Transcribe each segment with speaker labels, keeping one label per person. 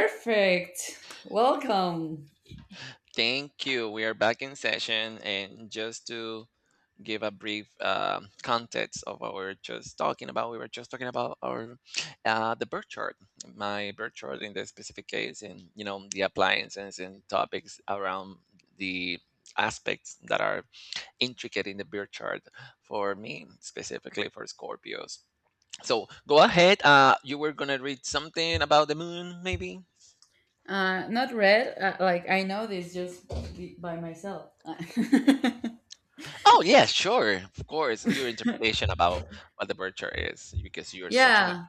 Speaker 1: Perfect. Welcome.
Speaker 2: Thank you. We are back in session, and just to give a brief context of what we were just talking about, we were just talking about our the birth chart, my birth chart in the specific case, and you know the appliances and topics around the aspects that are intricate in the birth chart for me specifically for Scorpios. So go ahead. You were gonna read something about the moon, maybe.
Speaker 1: Not red. Like I know this just by myself.
Speaker 2: Oh yeah, sure, of course. Your interpretation about what the virtue is, because you're such an.
Speaker 1: Yeah.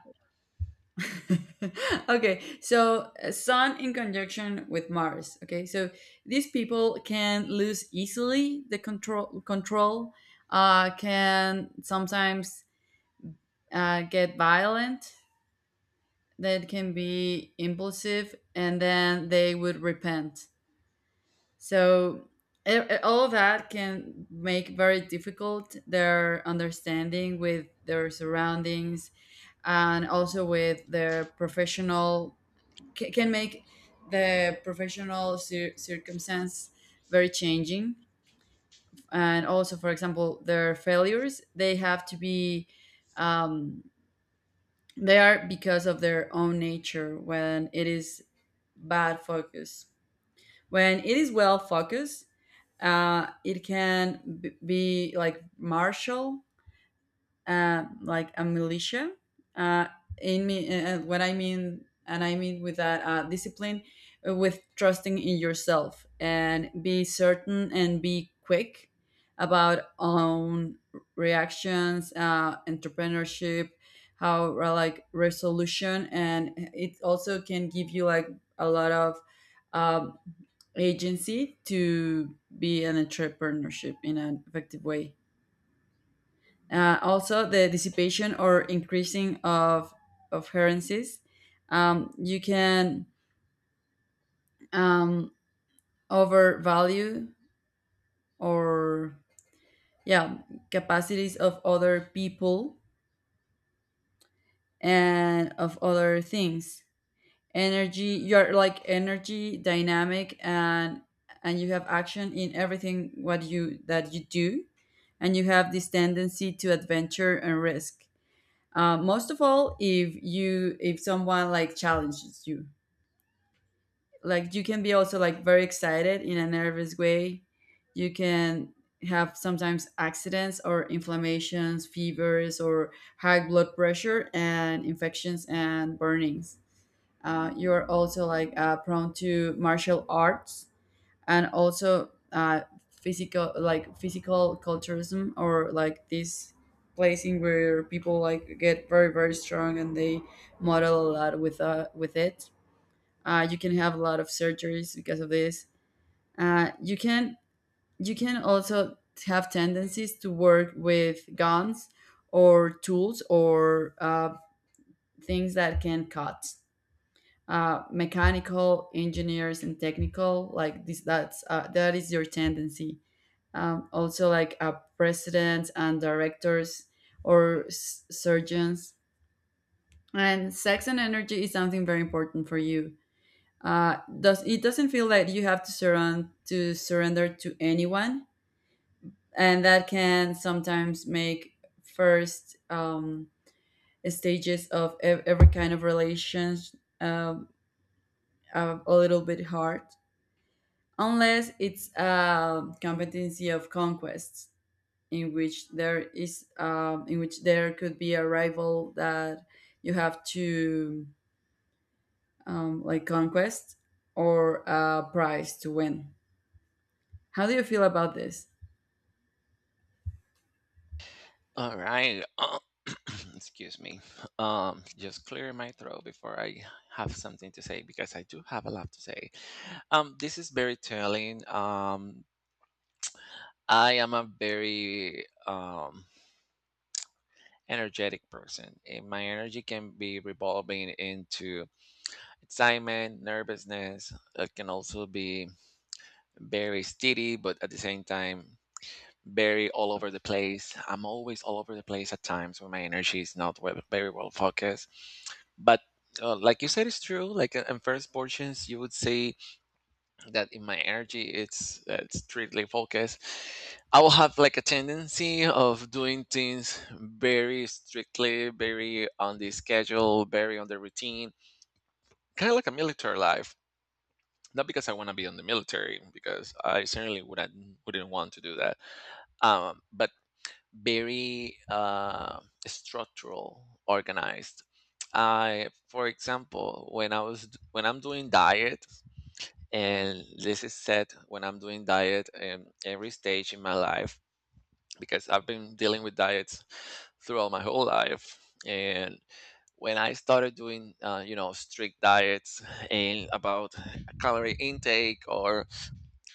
Speaker 1: Okay. So Sun in conjunction with Mars. Okay. So these people can lose easily the control. Control can sometimes get violent. That can be impulsive, and then they would repent. So all that can make very difficult their understanding with their surroundings, and also with their professional can make the professional circumstance very changing, and also for example their failures, they have to be um, they are because of their own nature when it is bad focus. When it is well focused, it can be like martial, like a militia. Uh, in me, what I mean, and I mean with that discipline, with trusting in yourself and be certain and be quick about own reactions, entrepreneurship, how, like resolution, and it also can give you like a lot of um, agency to be an entrepreneurship in an effective way. Also, the dissipation or increasing of currencies. You can um, overvalue or yeah capacities of other people and of other things, energy, you're like energy dynamic, and you have action in everything what you that you do, and you have this tendency to adventure and risk, most of all if someone like challenges you. Like you can be also like very excited in a nervous way. You can have sometimes accidents or inflammations, fevers, or high blood pressure and infections and burnings. You're also like prone to martial arts, and also physical, like physical culturism, or like this placing where people like get very strong, and they model a lot with it. Uh, you can have a lot of surgeries because of this. Uh, you can you can also have tendencies to work with guns or tools, or things that can cut. Mechanical engineers and technical like this. That is your tendency, also like presidents and directors or surgeons. And sex and energy is something very important for you. Does it doesn't feel like you have to surrender to anyone, and that can sometimes make first stages of every kind of relations, um, a little bit hard, unless it's a competency of conquest, in which there is in which there could be a rival that you have to like conquest, or a prize to win. How do you feel about this?
Speaker 2: All right, excuse me. Just clear my throat before I have something to say because I do have a lot to say. This is very telling. I am a very energetic person, and my energy can be revolving into excitement, nervousness. It can also be very steady, but at the same time very all over the place. I'm always all over the place at times when my energy is not well, very well focused. But like you said, it's true. In first portions, you would say that in my energy, it's strictly focused. I will have like a tendency of doing things very strictly, very on the schedule, very on the routine, kind of like a military life. Not because I want to be in the military, because I certainly wouldn't want to do that. But very structural, organized. I, for example, when I'm doing diet, and this is said when I'm doing diet in every stage in my life because I've been dealing with diets throughout my whole life. And when I started doing, you know, strict diets and about calorie intake or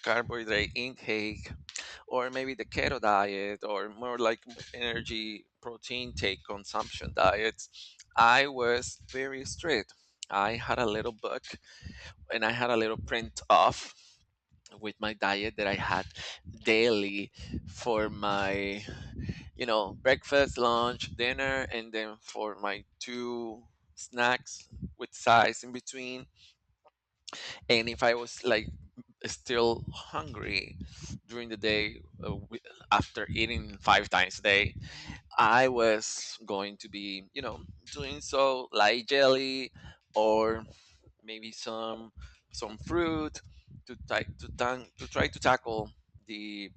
Speaker 2: carbohydrate intake, or maybe the keto diet or more like energy protein take consumption diets, I was very strict. I had a little book and I had a little print off with my diet that I had daily for my, you know, breakfast, lunch, dinner, and then for my two snacks with size in between. And if I was like still hungry during the day, uh, wi- after eating five times a day, I was going to be, you know, doing so like jelly or maybe some fruit to to try to tackle the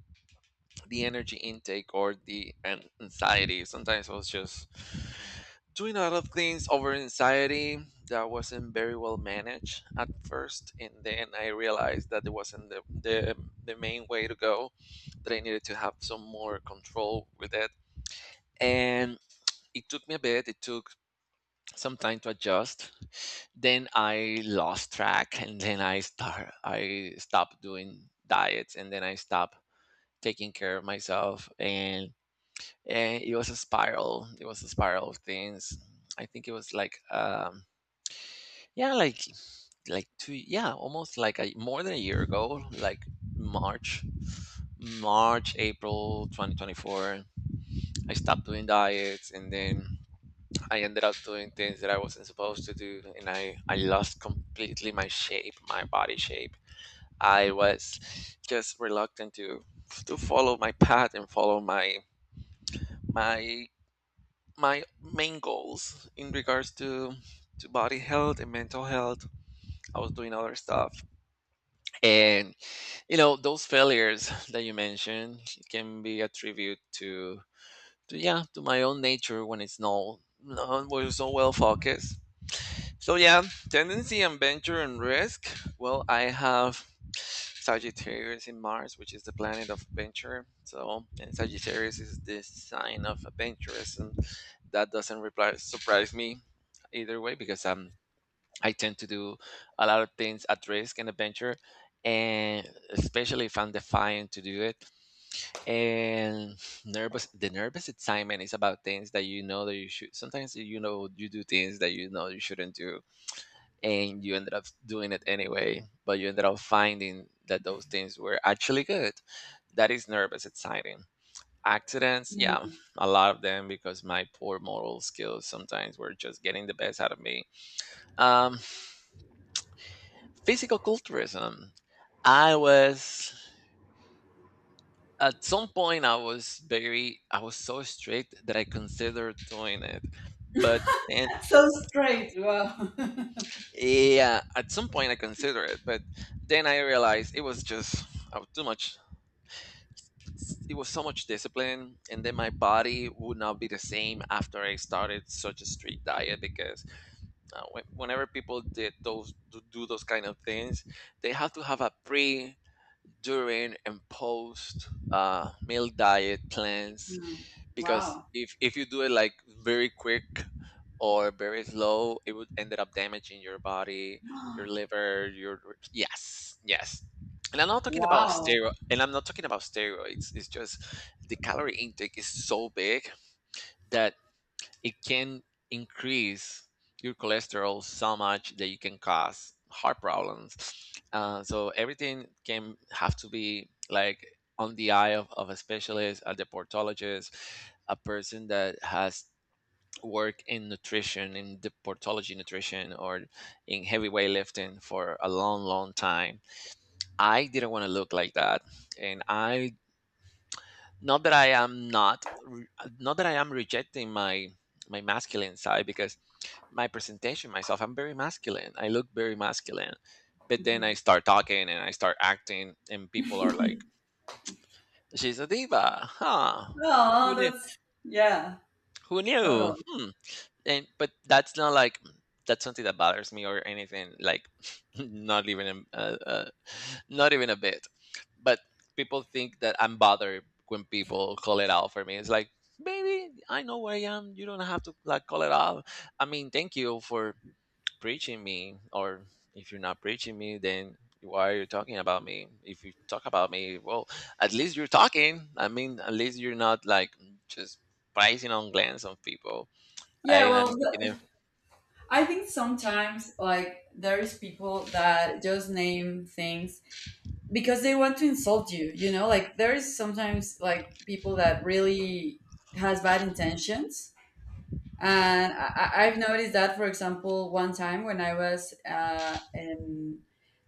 Speaker 2: the energy intake or the anxiety. Sometimes I was just doing a lot of things over anxiety that wasn't very well managed at first, and then I realized that it wasn't the main way to go. That I needed to have some more control with it, and it took me a bit. It took some time to adjust. Then I lost track, and then I stopped doing diets, and then I stopped taking care of myself. And it was a spiral, it was a spiral of things. I think it was like yeah, like two yeah almost like a more than a year ago, like March, March, April 2024, I stopped doing diets, and then I ended up doing things that I wasn't supposed to do, and I lost completely my shape, my body shape. I was just reluctant to follow my path and follow my my my main goals in regards to body health and mental health. I was doing other stuff. And you know those failures that you mentioned can be a tribute to to my own nature when it's when it's not well focused. So yeah, tendency and venture and risk. Well, I have Sagittarius in Mars, which is the planet of venture. So and Sagittarius is the sign of adventurous, and that doesn't surprise me either way because I tend to do a lot of things at risk and adventure, and especially if I'm defiant to do it. And nervous, the nervous excitement is about things that you know that you should. Sometimes you know you do things that you know you shouldn't do and you ended up doing it anyway, but you ended up finding that those things were actually good. That is nervous, exciting. Accidents, yeah,
Speaker 1: Mm.
Speaker 2: a lot of them because my poor moral skills sometimes were just getting the best out of me. Um, Physical culturism, I was, at some point I was very, I was so strict that I considered doing it. But then
Speaker 1: That's so straight. Wow.
Speaker 2: yeah, at some point I considered it, but then I realized it was just too much. It was so much discipline, and then my body would not be the same after I started such a strict diet, because whenever people do those kind of things, they have to have a pre, during and post meal diet plans,
Speaker 1: Mm.
Speaker 2: because
Speaker 1: Wow.
Speaker 2: if you do it like very quick or very slow, it would ended up damaging your body, your liver, your, yes, yes. And
Speaker 1: Wow.
Speaker 2: I'm not talking about steroids. It's just the calorie intake is so big that it can increase your cholesterol so much that you can cause heart problems. So everything can have to be like on the eye of a specialist, a deportologist, a person that has worked in nutrition, in deportology nutrition, or in heavy weightlifting for a long, long time. I didn't want to look like that, and I, not that I am not re- not that I am rejecting my masculine side, because my presentation myself, I'm very masculine, I look very masculine, but then I
Speaker 1: Mhm.
Speaker 2: start talking and I start acting, and people are like, she's a diva, huh? Who
Speaker 1: Oh,
Speaker 2: knew?
Speaker 1: that's yeah,
Speaker 2: Who knew?
Speaker 1: totally.
Speaker 2: Hmm. And but that's not like, that's something that bothers me or anything, like, not even a, not even a bit. But people think that I'm bothered when people call it out for me. It's like, baby, I know where I am, you don't have to like call it out. I mean, thank you for preaching me, or if you're not preaching me, then why are you talking about me? If you talk about me, well, at least you're talking. I mean, at least you're not like just pricing on glance on people. I,
Speaker 1: Yeah,
Speaker 2: and
Speaker 1: well,
Speaker 2: I'm making it,
Speaker 1: I think sometimes like there's people that just name things because they want to insult you, you know? Like there's sometimes like people that really has bad intentions. And I've noticed that, for example, one time when I was in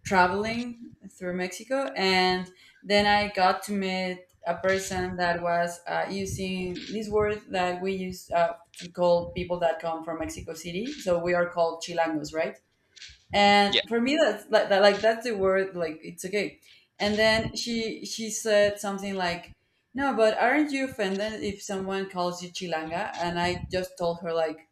Speaker 1: traveling through Mexico, and then I got to meet a person that was using this word that we use to call people that come from Mexico City. So we are called Chilangos, right? And
Speaker 2: yeah.
Speaker 1: for me, that's like, like that's the word. Like it's okay. And then she said something like, "No, but aren't you offended if someone calls you Chilanga?" And I just told her like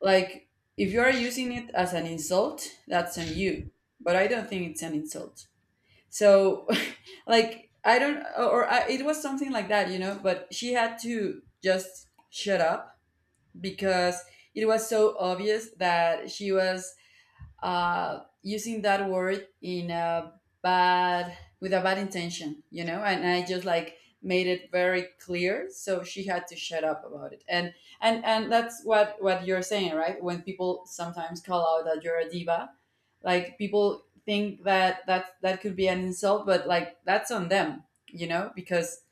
Speaker 1: like, if you are using it as an insult, that's on you. But I don't think it's an insult. So, like, I don't, or I, it was something like that, you know, but she had to just shut up, because it was so obvious that she was using that word in a bad with a bad intention, you know. And I just like made it very clear, so she had to shut up about it. And and that's what you're saying, right? When people sometimes call out that you're a diva, like people think that that could be an insult, but like that's on them, you know? Because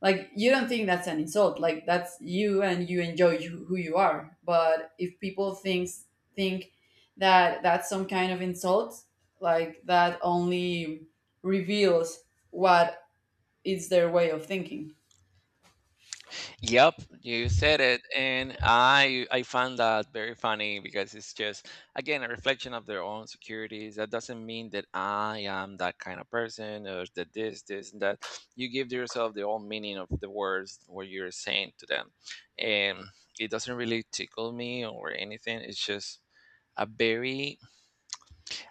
Speaker 1: like you don't think that's an insult, like that's you and you enjoy you, who you are. But if people think that that's some kind of insult, like that only reveals what is their way of thinking.
Speaker 2: Yep, you said it, and I find that very funny because it's just again a reflection of their own securities. That doesn't mean that I am that kind of person, or that this and that. You give yourself the own meaning of the words what you're saying to them, and it doesn't really tickle me or anything. It's just a very,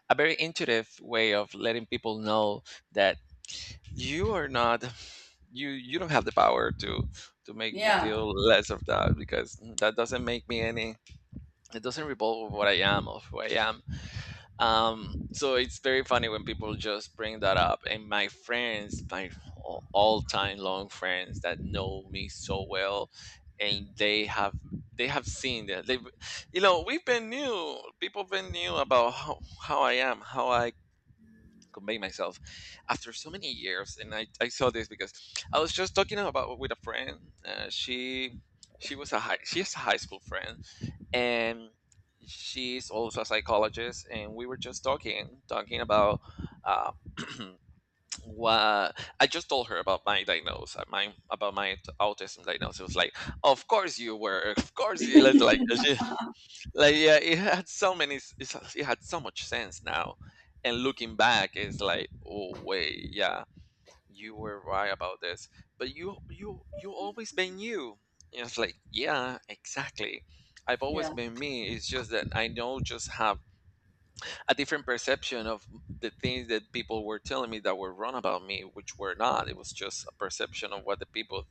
Speaker 2: a very intuitive way of letting people know that you are not, you don't have the power to make me
Speaker 1: Yeah.
Speaker 2: feel less of that, because that doesn't make me any, it doesn't revolve of what I am, of who I am. So it's very funny when people just bring that up. And my friends, my all time long friends that know me so well, and they have, they have seen that, they've, you know, we've been, new people have been new about how I am, how I convey myself after so many years. And I saw this because I was just talking about with a friend, she was a high she's a high school friend, and she's also a psychologist, and we were just talking about uh, what I just told her about my diagnosis, my about my autism diagnosis. It was like, of course you were, of course you, like like, yeah, it had so much sense now. And looking back, it's like, oh wait, yeah, you were right about this, but you always been you. And it's like, yeah, exactly, I've always
Speaker 1: Yeah.
Speaker 2: been me. It's just that I now just have a different perception of the things that people were telling me that were wrong about me, which were not. It was just a perception of what the people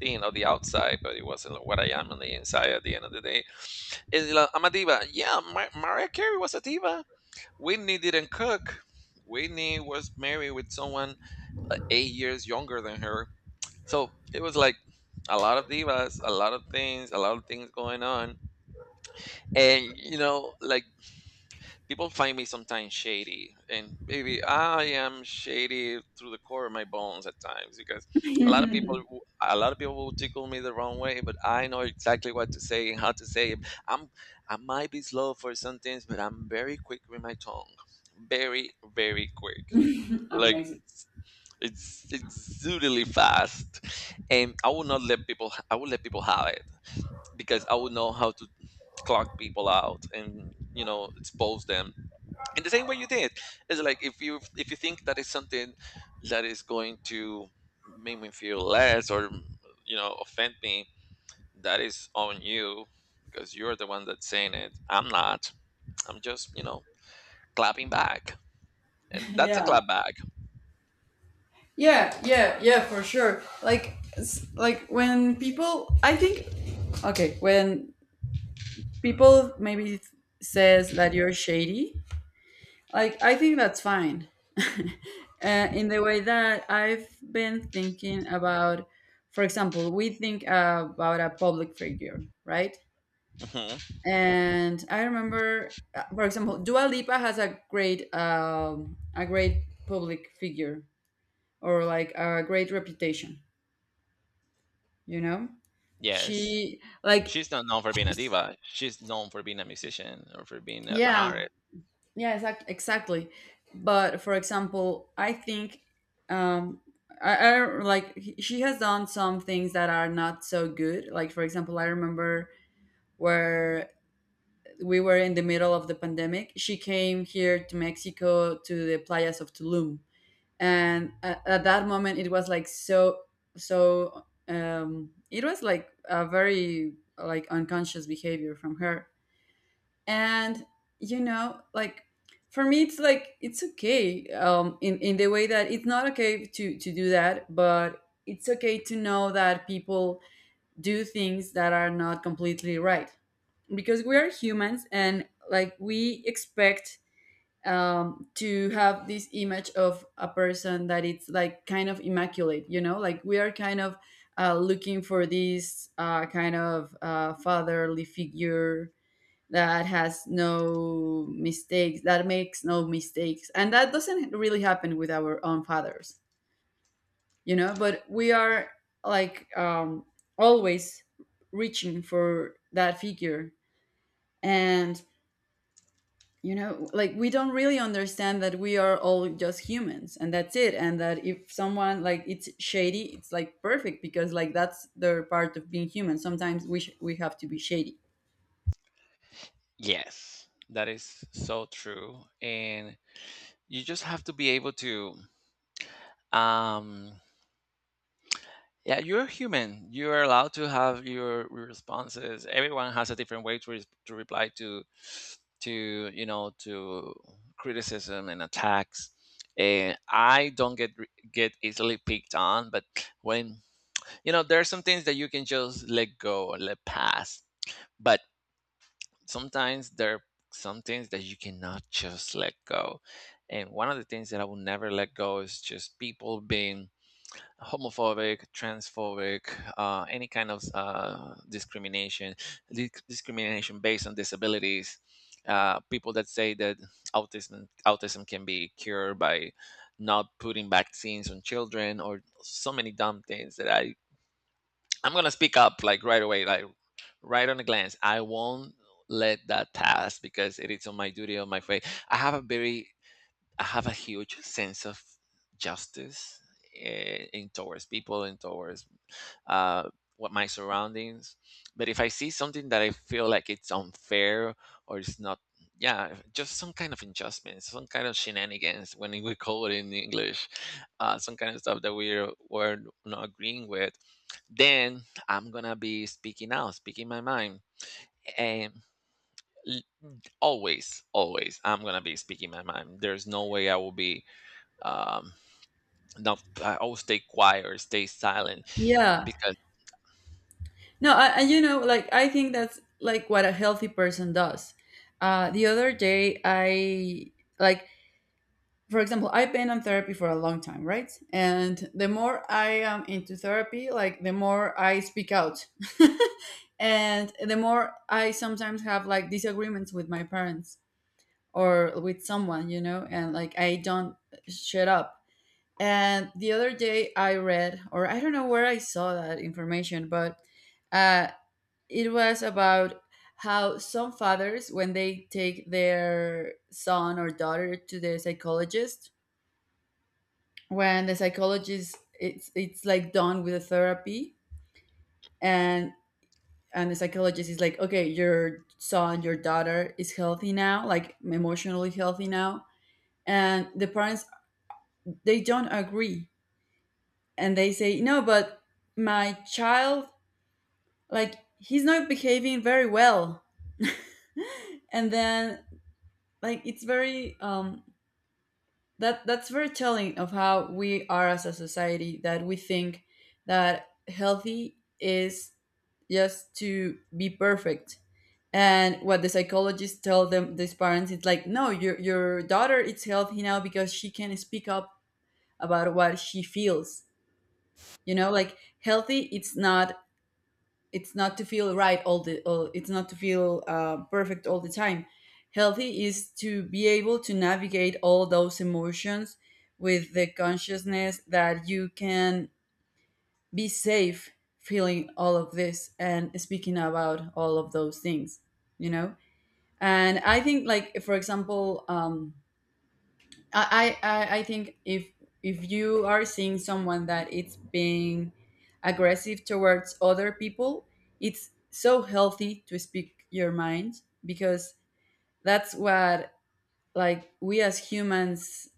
Speaker 2: think on the outside, but it wasn't what I am on the inside. At the end of the day, it's like, I'm a diva. Yeah, Mariah Carey was a diva. Whitney didn't cook. Whitney was married with someone 8 years younger than her. So it was like a lot of divas, a lot of things, a lot of things going on. And, you know, like people find me sometimes shady, and maybe I am shady through the core of my bones at times because a lot of people will tickle me the wrong way. But I know exactly what to say and how to say it. i'm I might be slow for some things, but I'm very quick with my tongue. Very, very quick. Like,
Speaker 1: Amazing.
Speaker 2: it's exudely fast. And I will not let people I will let people have it because I will know how to clock people out and, you know, expose them in the same way you did. It's like, if you think that is something that is going to make me feel less or, you know, offend me, that is on you because you're the one that's saying it, I'm not. I'm just, you know, clapping back. And that's a
Speaker 1: Yeah.
Speaker 2: clap back.
Speaker 1: Yeah for sure. Like like when people I think okay, when people maybe says that you're shady, like I think that's fine. In the way that I've been thinking about, for example, we think about a public figure, right?
Speaker 2: Mhm.
Speaker 1: And I remember, for example, Dua Lipa has a great public figure, or like a great reputation. You know,
Speaker 2: Yes,
Speaker 1: she like
Speaker 2: she's not known for being a diva, she's known for being a musician or for being an
Speaker 1: yeah.
Speaker 2: artist.
Speaker 1: Yeah, exactly. But for example, I think, um, I don't- like she has done some things that are not so good. Like for example, I remember where we were in the middle of the pandemic. She came here to Mexico, to the playas of Tulum, and at that moment it was like so. It was like a very like unconscious behavior from her, and you know, like for me it's like it's okay, in the way that it's not okay to do that, but it's okay to know that people do things that are not completely right, because we are humans, and like we expect to have this image of a person that it's like kind of immaculate, you know, like we are kind of looking for this kind of fatherly figure that has no mistakes, that makes no mistakes, and that doesn't really happen with our own fathers, you know. But we are like always reaching for that figure, and you know, like we don't really understand that we are all just humans, and that's it. And that if someone like it's shady, it's like perfect, because like that's their part of being human. Sometimes we have to be shady.
Speaker 2: Yes, that is so true. And you just have to be able to um yeah, you're human. You're allowed to have your responses. Everyone has a different way to, to reply to, you know, to criticism and attacks. And I don't get get easily picked on, but when, you know, there are some things that you can just let go or let pass. But sometimes there are some things that you cannot just let go. And one of the things that I will never let go is just people being homophobic, transphobic, any kind of discrimination, discrimination based on disabilities. People that say that autism can be cured by not putting vaccines on children, or so many dumb things that I'm gonna speak up, like, right away, like right on a glance. I won't let that pass because it is on my duty, on my faith. I have a huge sense of justice, eh, in towards people and towards uh, what my surroundings. But if I see something that I feel like it's unfair or it's not, yeah, just some kind of injustice, some kind of shenanigans when we call it in English, some kind of stuff that we're not agreeing with, then I'm gonna be speaking out, speaking my mind, and l- always, always, I'm gonna be speaking my mind. There's no way I will be um, not. I will stay quiet or stay silent
Speaker 1: Yeah.
Speaker 2: because —
Speaker 1: No, I, and you know, like I think that's like what a healthy person does. The other day, I like, for example, I've been on therapy for a long time, right? And the more I am into therapy, like the more I speak out, and the more I sometimes have like disagreements with my parents or with someone, you know, and like I don't shut up. And the other day, I read, or I don't know where I saw that information, but uh, it was about how some fathers, when they take their son or daughter to the psychologist, when the psychologist it's like done with the therapy, and the psychologist is like, okay, your son, your daughter is healthy now, like emotionally healthy now. And the parents, they don't agree, and they say no, but my child, like he's not behaving very well. And then like it's very that that's very telling of how we are as a society, that we think that healthy is just to be perfect. And what the psychologists tell them, these parents, it's like no, your daughter is healthy now because she can speak up about what she feels. You know, like healthy it's not, it's not to feel right all, it's not to feel perfect all the time. Healthy is to be able to navigate all those emotions with the consciousness that you can be safe feeling all of this and speaking about all of those things, you know. And I think like for example, I think if you are seeing someone that it's being aggressive towards other people, it's so healthy to speak your mind, because that's what like we as humans,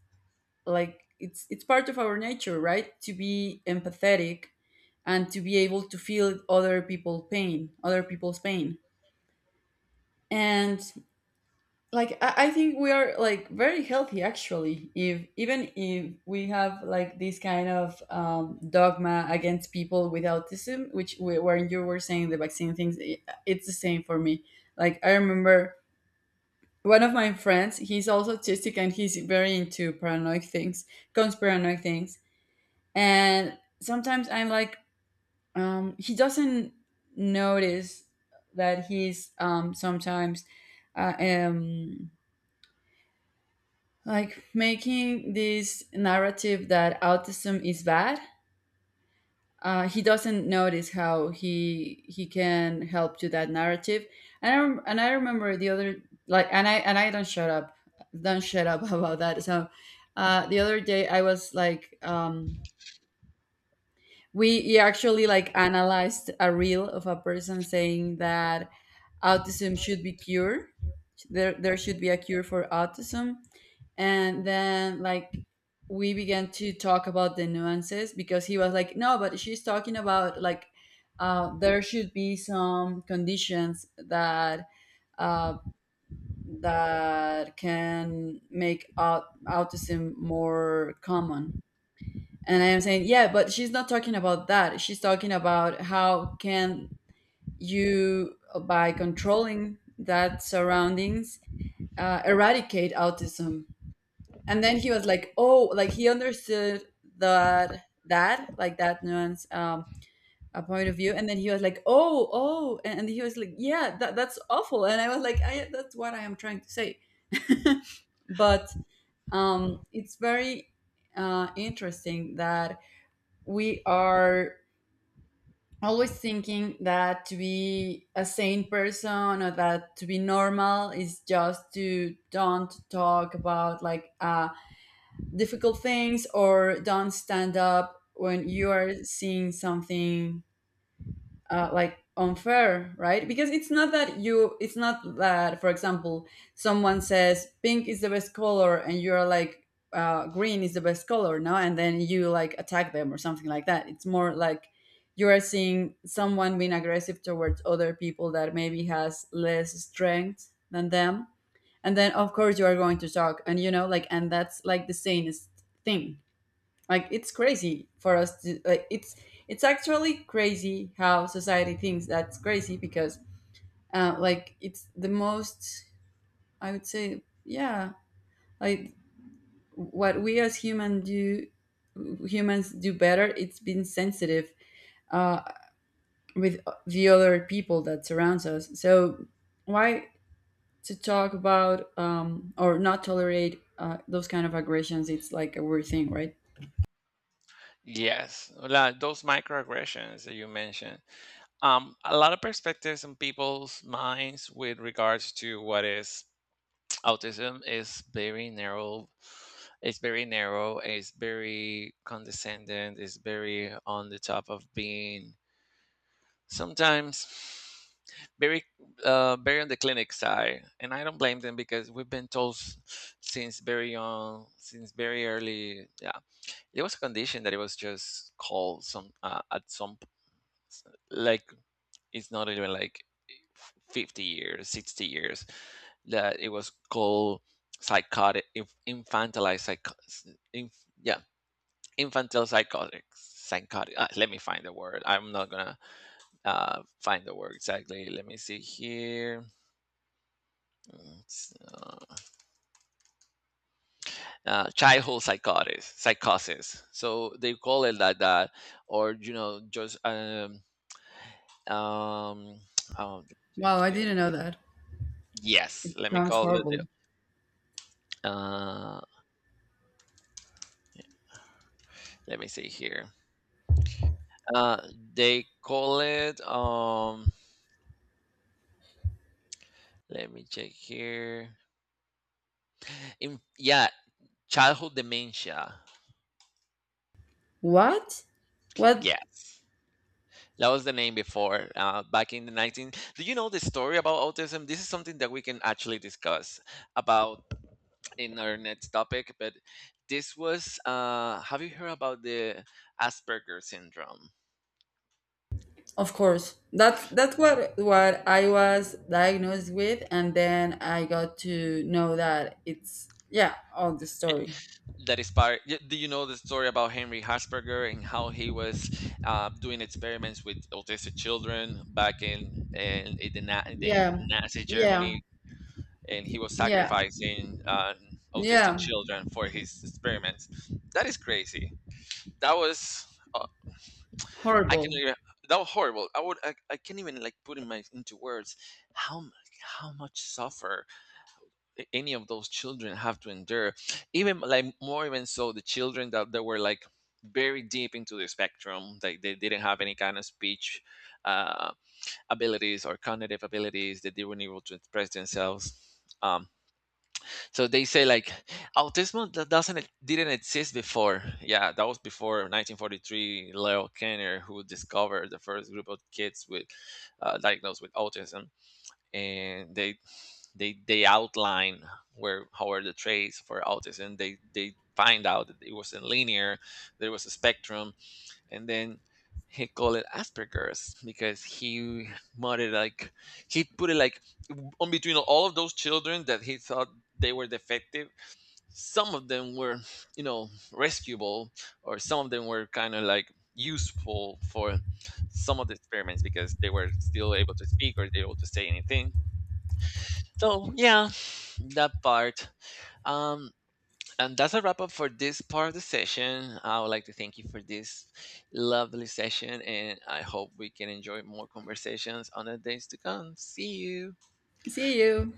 Speaker 1: like it's part of our nature, right? To be empathetic and to be able to feel other people's pain, other people's pain. And like I think we are like very healthy actually, if even if we have like this kind of dogma against people with autism, which when you were saying the vaccine things, it's the same for me. Like I remember one of my friends, he's also autistic, and he's very into paranoid things, conspiranoid things. And sometimes I'm like, he doesn't notice that he's sometimes uh, um, like making this narrative that autism is bad. He doesn't notice how he can help to that narrative. And I remember the other, like and I don't shut up about that. So the other day I was like we actually like analyzed a reel of a person saying that autism should be cured. There should be a cure for autism. And then like we began to talk about the nuances, because he was like no, but she's talking about like there should be some conditions that uh, that can make autism more common. And I am saying yeah, but she's not talking about that, she's talking about how can you, by controlling that surroundings, eradicate autism. And then he was like oh, like he understood that like that nuance, a point of view. And then he was like oh, oh, and he was like yeah, that's awful. And I was like I, that's what I am trying to say. But it's very interesting that we are always thinking that to be a sane person, or that to be normal, is just to don't talk about like difficult things, or don't stand up when you are seeing something like unfair, right? Because it's not that you it's not that for example someone says pink is the best color and you're like green is the best color, no, and then you like attack them or something like that. It's more like you are seeing someone being aggressive towards other people that maybe has less strength than them, and then of course you are going to talk, and you know like, and that's like the sanest thing. Like it's crazy for us to like it's actually crazy how society thinks that's crazy, because like it's the most, I would say yeah, like what we as humans do better, it's been sensitive uh, with the other people that surrounds us. So why to talk about, or not tolerate those kind of aggressions, it's like a weird thing, right?
Speaker 2: yes, those microaggressions that you mentioned. A lot of perspectives in people's minds with regards to what is autism is very narrow. It's very narrow. It's very condescending. It's very on the top of being, sometimes, very, very on the clinic side, and I don't blame them because we've been told since very young, since very early. Yeah, it was a condition that it was just called some at some s- like, it's not even like 50 years, 60 years that it was called psychotic, infantilized psych, inf, yeah, psychotic. Let me find the word. I'm not gonna find the word exactly. Let me see here. It's, childhood psychosis. So they call it like that, or, you know, just um, oh,
Speaker 1: Wow, I
Speaker 2: here.
Speaker 1: didn't know that.
Speaker 2: Yes. Let me
Speaker 1: Sounds
Speaker 2: call it.
Speaker 1: horrible.
Speaker 2: Uh, let me see here. Uh, they call it. Let me check here. In, yeah, childhood dementia.
Speaker 1: What? What?
Speaker 2: Yes. That was the name before, back in the 19. Do you know the story about autism? This is something that we can actually discuss about in our next topic. But this was, have you heard about the Asperger syndrome?
Speaker 1: Of course. That's what I was diagnosed with, and then I got to know that it's yeah, all the story.
Speaker 2: That inspired. Do you know the story about Henry Asperger and how he was, doing experiments with autistic children back in the, in the
Speaker 1: Yeah,
Speaker 2: Nazi
Speaker 1: yeah,
Speaker 2: Germany, and he was
Speaker 1: yeah,
Speaker 2: sacrificing, autistic
Speaker 1: yeah.
Speaker 2: children for his experiments? That is crazy. that was uh, I can
Speaker 1: Horrible.
Speaker 2: even that was horrible. I can't even, like, put in my into words how mu- how much suffer any of those children have to endure. Even like more, even so, the children that were like very deep into the spectrum, like they didn't have any kind of speech, uh, abilities or cognitive abilities, that they weren't able to express themselves. Um, so they say like autism that doesn't e- didn't exist before, yeah, that was before 1943 Leo Kanner, who discovered the first group of kids with, diagnosed with autism, and they outline where how are the traits for autism. They find out that it wasn't linear, there was a spectrum. And then he called it Asperger's because he muttered, like, he put it like on between all of those children that he thought they were defective. Some of them were, you know, rescuable, or some of them were kind of like useful for some of the experiments because they were still able to speak or they were able to say anything. So yeah, that part. Um, and that's a wrap up for this part of the session. I would like to thank you for this lovely session, and I hope we can enjoy more conversations on the days to come. See you.
Speaker 1: See you.